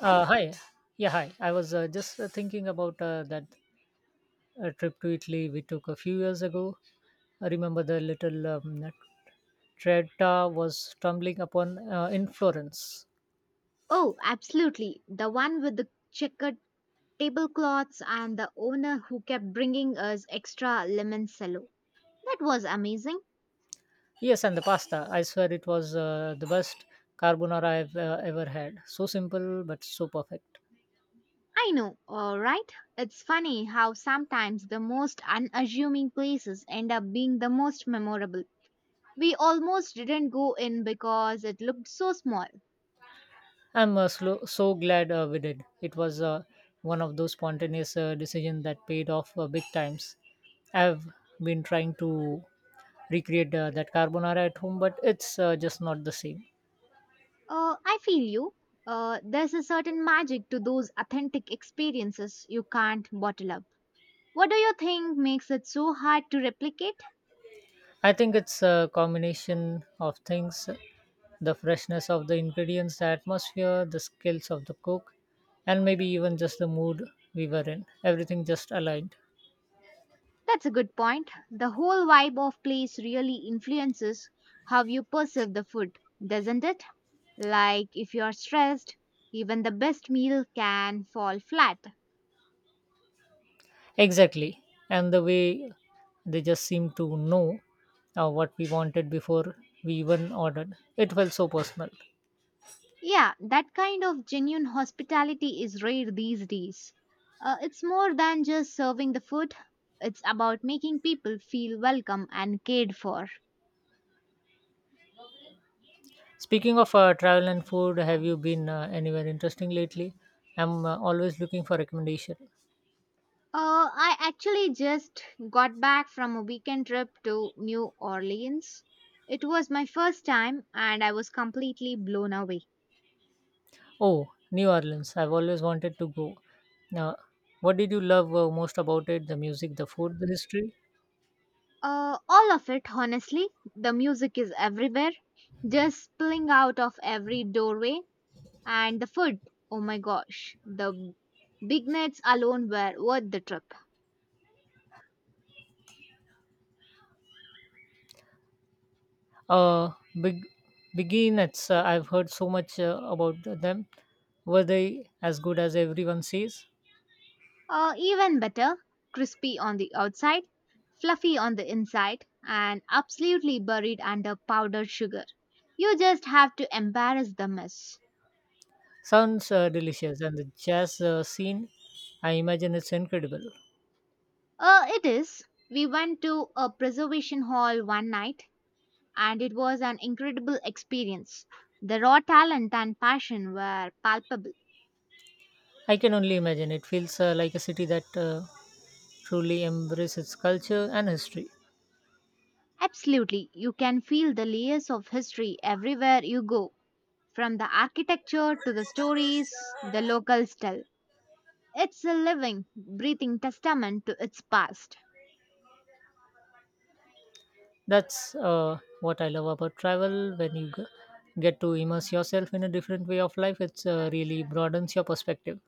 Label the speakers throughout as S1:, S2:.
S1: Hi. Yeah, hi. I was just thinking about that trip to Italy we took a few years ago. I remember the little Tretta was stumbling upon in Florence.
S2: Oh, absolutely. The one with the checkered tablecloths and the owner who kept bringing us extra lemon cello. That was amazing.
S1: Yes, and the pasta. I swear it was the best carbonara I've ever had. So simple but so perfect.
S2: I know, all right? It's funny how sometimes the most unassuming places end up being the most memorable. We almost didn't go in because it looked so small.
S1: So glad we did. It was one of those spontaneous decisions that paid off big times. I've been trying to recreate that carbonara at home, but it's just not the same.
S2: I feel you. There's a certain magic to those authentic experiences you can't bottle up. What do you think makes it so hard to replicate?
S1: I think it's a combination of things: the freshness of the ingredients, the atmosphere, the skills of the cook, and maybe even just the mood we were in. Everything just aligned.
S2: That's a good point. The whole vibe of place really influences how you perceive the food, doesn't it? Like if you're stressed, even the best meal can fall flat.
S1: Exactly. And the way they just seemed to know what we wanted before we even ordered, it felt so personal.
S2: Yeah, that kind of genuine hospitality is rare these days. It's more than just serving the food, it's about making people feel welcome and cared for.
S1: Speaking of travel and food, have you been anywhere interesting lately? I'm always looking for recommendation.
S2: I actually just got back from a weekend trip to New Orleans. It was my first time and I was completely blown away.
S1: Oh, New Orleans. I've always wanted to go. Now, what did you love most about it? The music, the food, the history?
S2: All of it, honestly. The music is everywhere, just spilling out of every doorway. And the food, oh my gosh, the big nets alone were worth the trip.
S1: Uh, Big, beginners. I've heard so much about them. Were they as good as everyone says?
S2: Even better, crispy on the outside, fluffy on the inside, and absolutely buried under powdered sugar. You just have to embarrass the mess.
S1: Sounds delicious, and the jazz scene, I imagine it's incredible.
S2: It is. We went to a preservation hall one night, and it was an incredible experience. The raw talent and passion were palpable.
S1: I can only imagine. It feels like a city that truly embraces its culture and history.
S2: Absolutely, you can feel the layers of history everywhere you go, from the architecture to the stories the locals tell. It's a living, breathing testament to its past.
S1: That's what I love about travel. When get to immerse yourself in a different way of life, it really broadens your perspective.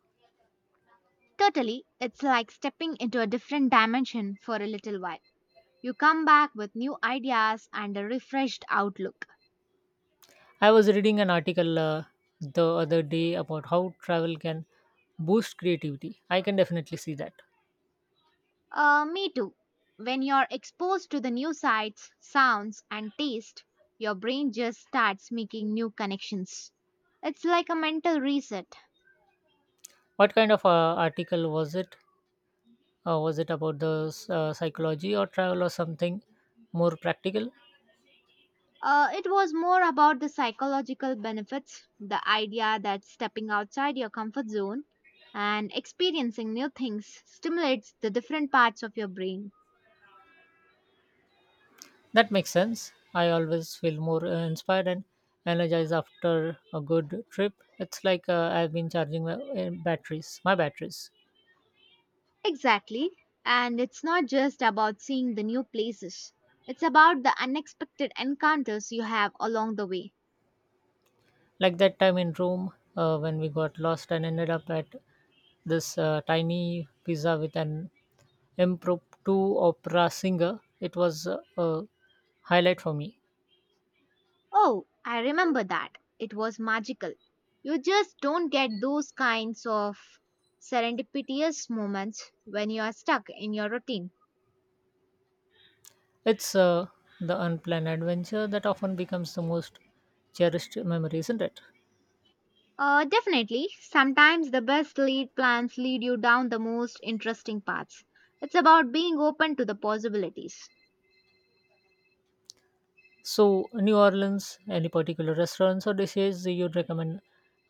S2: Totally, it's like stepping into a different dimension for a little while. You come back with new ideas and a refreshed outlook.
S1: I was reading an article the other day about how travel can boost creativity. I can definitely see that.
S2: Me too. When you're exposed to the new sights, sounds, and taste, your brain just starts making new connections. It's like a mental reset.
S1: What kind of article was it? Was it about the psychology or travel or something more practical?
S2: It was more about the psychological benefits, the idea that stepping outside your comfort zone and experiencing new things stimulates the different parts of your brain.
S1: That makes sense. I always feel more inspired and energized after a good trip. It's like I've been charging my batteries.
S2: Exactly. And it's not just about seeing the new places, it's about the unexpected encounters you have along the way.
S1: Like that time in Rome when we got lost and ended up at this tiny pizza with an impromptu opera singer. It was a highlight for me.
S2: Oh, I remember that. It was magical. You just don't get those kinds of serendipitous moments when you are stuck in your routine.
S1: It's the unplanned adventure that often becomes the most cherished memory, isn't it?
S2: Definitely. Sometimes the best lead plans lead you down the most interesting paths. It's about being open to the possibilities.
S1: So, New Orleans, any particular restaurants or dishes you'd recommend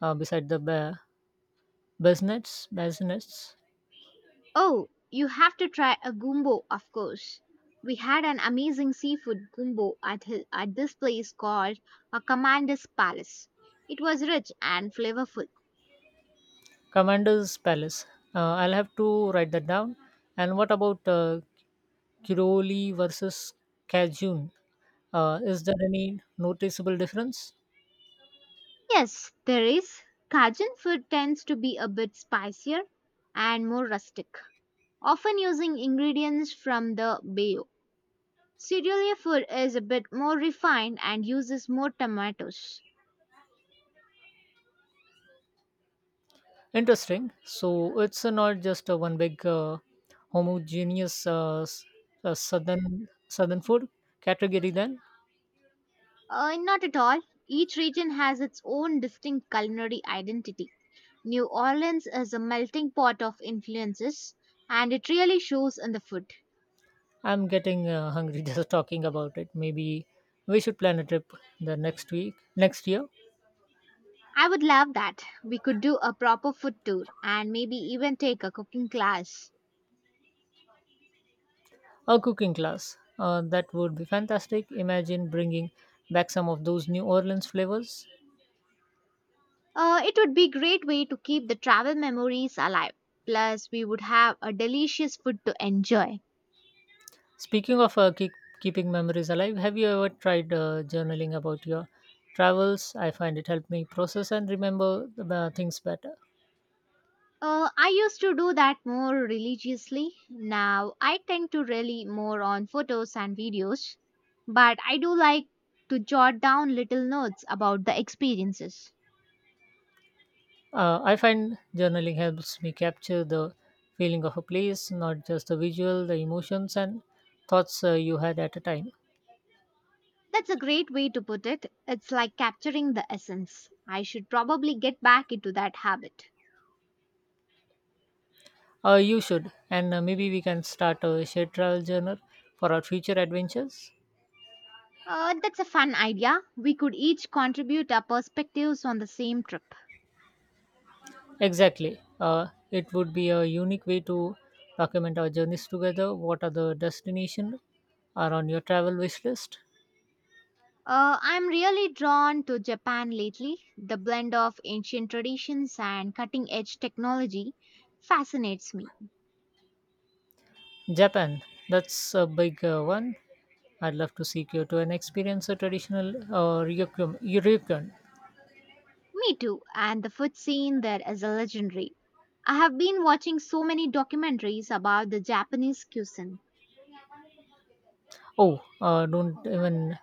S1: beside Baznets,
S2: Oh, you have to try a gumbo, of course. We had an amazing seafood gumbo at, at this place called a Commander's Palace. It was rich and flavorful.
S1: Commander's Palace? I'll have to write that down. And what about Kiroli versus Cajun? Is there any noticeable difference?
S2: Yes, there is. Cajun food tends to be a bit spicier and more rustic, often using ingredients from the bay. Syrian food is a bit more refined and uses more tomatoes.
S1: Interesting. So it's not just one big homogeneous southern food category. Then
S2: Not at all. Each region has its own distinct culinary identity. New Orleans is a melting pot of influences, and it really shows in the food.
S1: I'm getting hungry just talking about it. Maybe we should plan a trip the next week, next year,
S2: I would love that. We could do a proper food tour and maybe even take a cooking class.
S1: a cooking class. That would be fantastic. Imagine bringing back some of those New Orleans flavors.
S2: It would be a great way to keep the travel memories alive. Plus, we would have a delicious food to enjoy.
S1: Speaking of keeping memories alive, have you ever tried journaling about your travels? I find it helped me process and remember the things better.
S2: I used to do that more religiously. Now I tend to rely more on photos and videos, but I do like to jot down little notes about the experiences.
S1: I find journaling helps me capture the feeling of a place, not just the visual, the emotions and thoughts you had at a time.
S2: That's a great way to put it. It's like capturing the essence. I should probably get back into that habit.
S1: You should, and maybe we can start a shared travel journal for our future adventures.
S2: That's a fun idea. We could each contribute our perspectives on the same trip.
S1: Exactly. It would be a unique way to document our journeys together. What are the destinations are on your travel wish list?
S2: I'm really drawn to Japan lately. The blend of ancient traditions and cutting edge technology fascinates me.
S1: Japan. That's a big one. I'd love to see Kyoto and experience a traditional ryukyum.
S2: Me too, and the food scene there is a legendary. I have been watching so many documentaries about the Japanese cuisine.
S1: Oh, don't even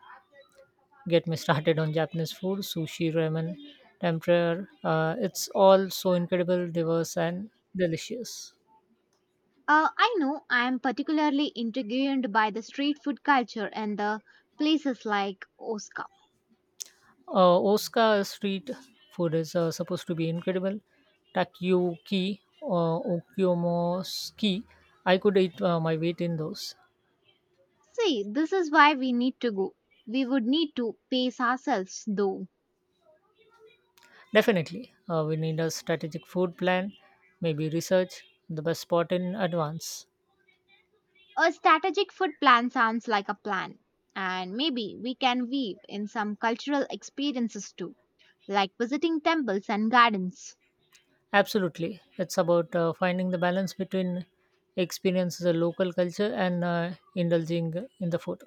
S1: get me started on Japanese food, sushi, ramen, tempura. It's all so incredible, diverse, and delicious.
S2: I know I am particularly intrigued by the street food culture and the places like Osaka.
S1: Osaka street food is supposed to be incredible. Takoyaki, okonomiyaki. I could eat my weight in those.
S2: See, this is why we need to go. We would need to pace ourselves though.
S1: Definitely, we need a strategic food plan, maybe research the best spot in advance.
S2: A strategic food plan sounds like a plan, and maybe we can weave in some cultural experiences too, like visiting temples and gardens,
S1: Absolutely. It's about finding the balance between experiences the local culture and indulging in the food.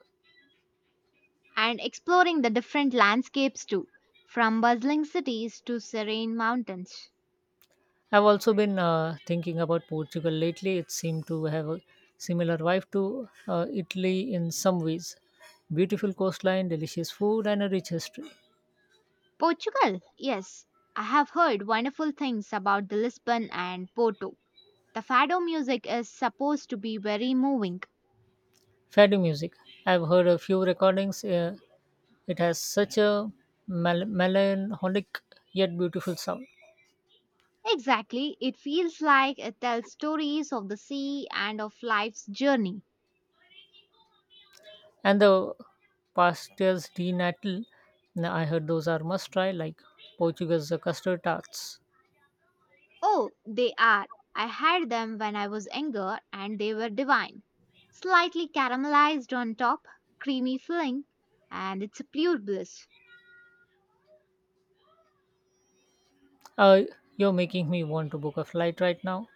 S2: and exploring the different landscapes too, from bustling cities to serene mountains.
S1: I've also been thinking about Portugal lately. It seemed to have a similar vibe to Italy in some ways. Beautiful coastline, delicious food, and a rich history.
S2: Portugal, yes, I have heard wonderful things about the Lisbon and Porto. The fado music is supposed to be very moving.
S1: Fado music. I've heard a few recordings. It has such a melancholic yet beautiful sound.
S2: Exactly, it feels like it tells stories of the sea and of life's journey.
S1: And the pastas de Natal, I heard those are must try, like Portugal's custard tarts.
S2: Oh, they are. I had them when I was younger and they were divine. Slightly caramelized on top, creamy filling, and it's a pure bliss.
S1: Uh, you're making me want to book a flight right now.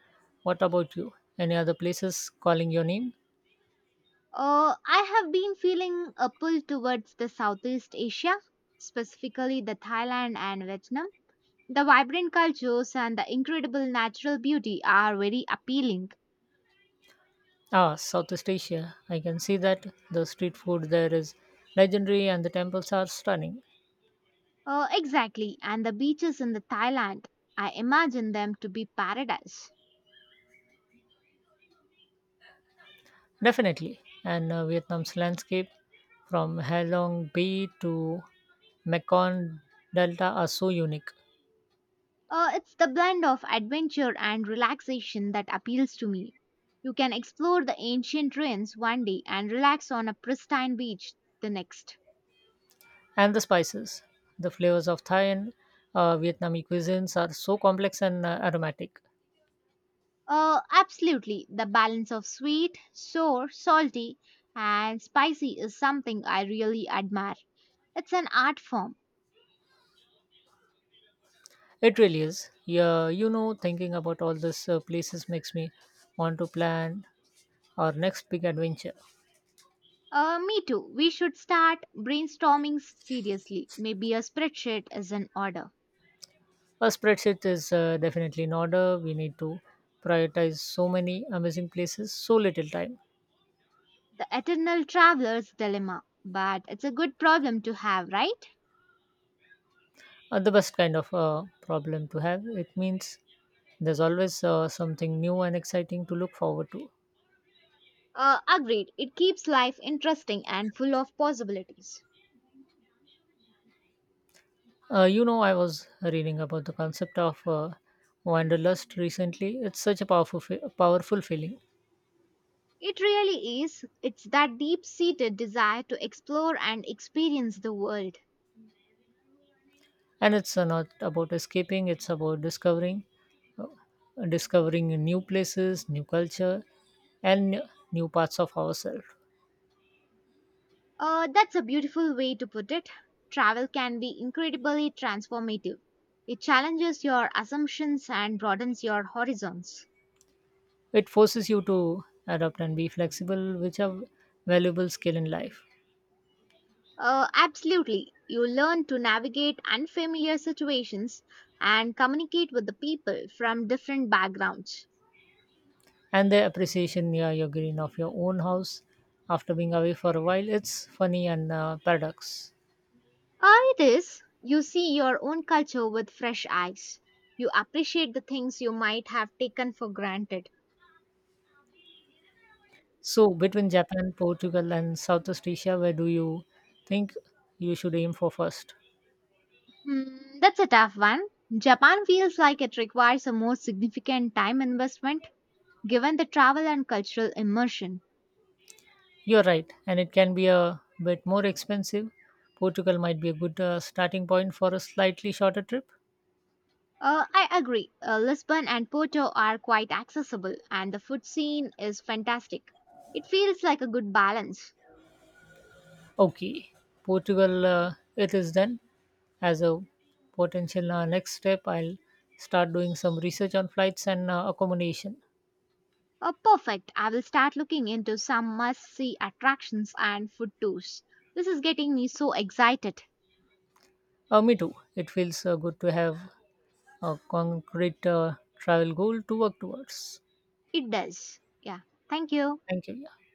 S1: What about you? Any other places calling your name?
S2: I have been feeling a pull towards the Southeast Asia, specifically the Thailand and Vietnam. The vibrant cultures and the incredible natural beauty are very appealing.
S1: Ah, Southeast Asia. I can see that the street food there is legendary and the temples are stunning.
S2: Exactly, and the beaches in the Thailand, I imagine them to be paradise.
S1: Definitely. And Vietnam's landscape from Halong Bay to Mekong Delta are so unique.
S2: It's the blend of adventure and relaxation that appeals to me. You can explore the ancient ruins one day and relax on a pristine beach the next.
S1: And the spices. The flavors of Thai and Vietnamese cuisines are so complex and aromatic.
S2: Absolutely, the balance of sweet, sour, salty, and spicy is something I really admire. It's an art form.
S1: It really is. Yeah, you know, thinking about all these places makes me want to plan our next big adventure.
S2: Me too. We should start brainstorming seriously. Maybe a spreadsheet is in order.
S1: A spreadsheet is definitely in order. We need to prioritize so many amazing places, so little time.
S2: The Eternal Traveler's Dilemma. But it's a good problem to have, right?
S1: The best kind of problem to have. It means there's always something new and exciting to look forward to.
S2: Agreed. It keeps life interesting and full of possibilities.
S1: You know, I was reading about the concept of wanderlust recently. It's such a powerful feeling,
S2: It really is. It's that deep seated desire to explore and experience the world.
S1: and it's not about escaping. It's about discovering new places, new culture, and new parts of ourselves.
S2: That's a beautiful way to put it. Travel can be incredibly transformative. It challenges your assumptions and broadens your horizons.
S1: It forces you to adapt and be flexible, which are valuable skill in life.
S2: Absolutely. You learn to navigate unfamiliar situations and communicate with the people from different backgrounds.
S1: And the appreciation near your green of your own house after being away for a while. It's funny and paradox.
S2: Ah, it is. You see your own culture with fresh eyes. You appreciate the things you might have taken for granted.
S1: So between Japan, Portugal, and Southeast Asia, where do you think you should aim for first?
S2: Hmm, that's a tough one. Japan feels like it requires a more significant time investment given the travel and cultural immersion.
S1: You're right, and it can be a bit more expensive. Portugal might be a good starting point for a slightly shorter trip.
S2: I agree. Lisbon and Porto are quite accessible, and the food scene is fantastic. It feels like a good balance.
S1: Okay, Portugal, it is then. As a potential next step, I'll start doing some research on flights and accommodation.
S2: Oh, perfect. I will start looking into some must see attractions and food tours. This is getting me so excited.
S1: Me too. It feels good to have a concrete travel goal to work towards.
S2: It does. Yeah. Thank you.
S1: Thank you. Yeah.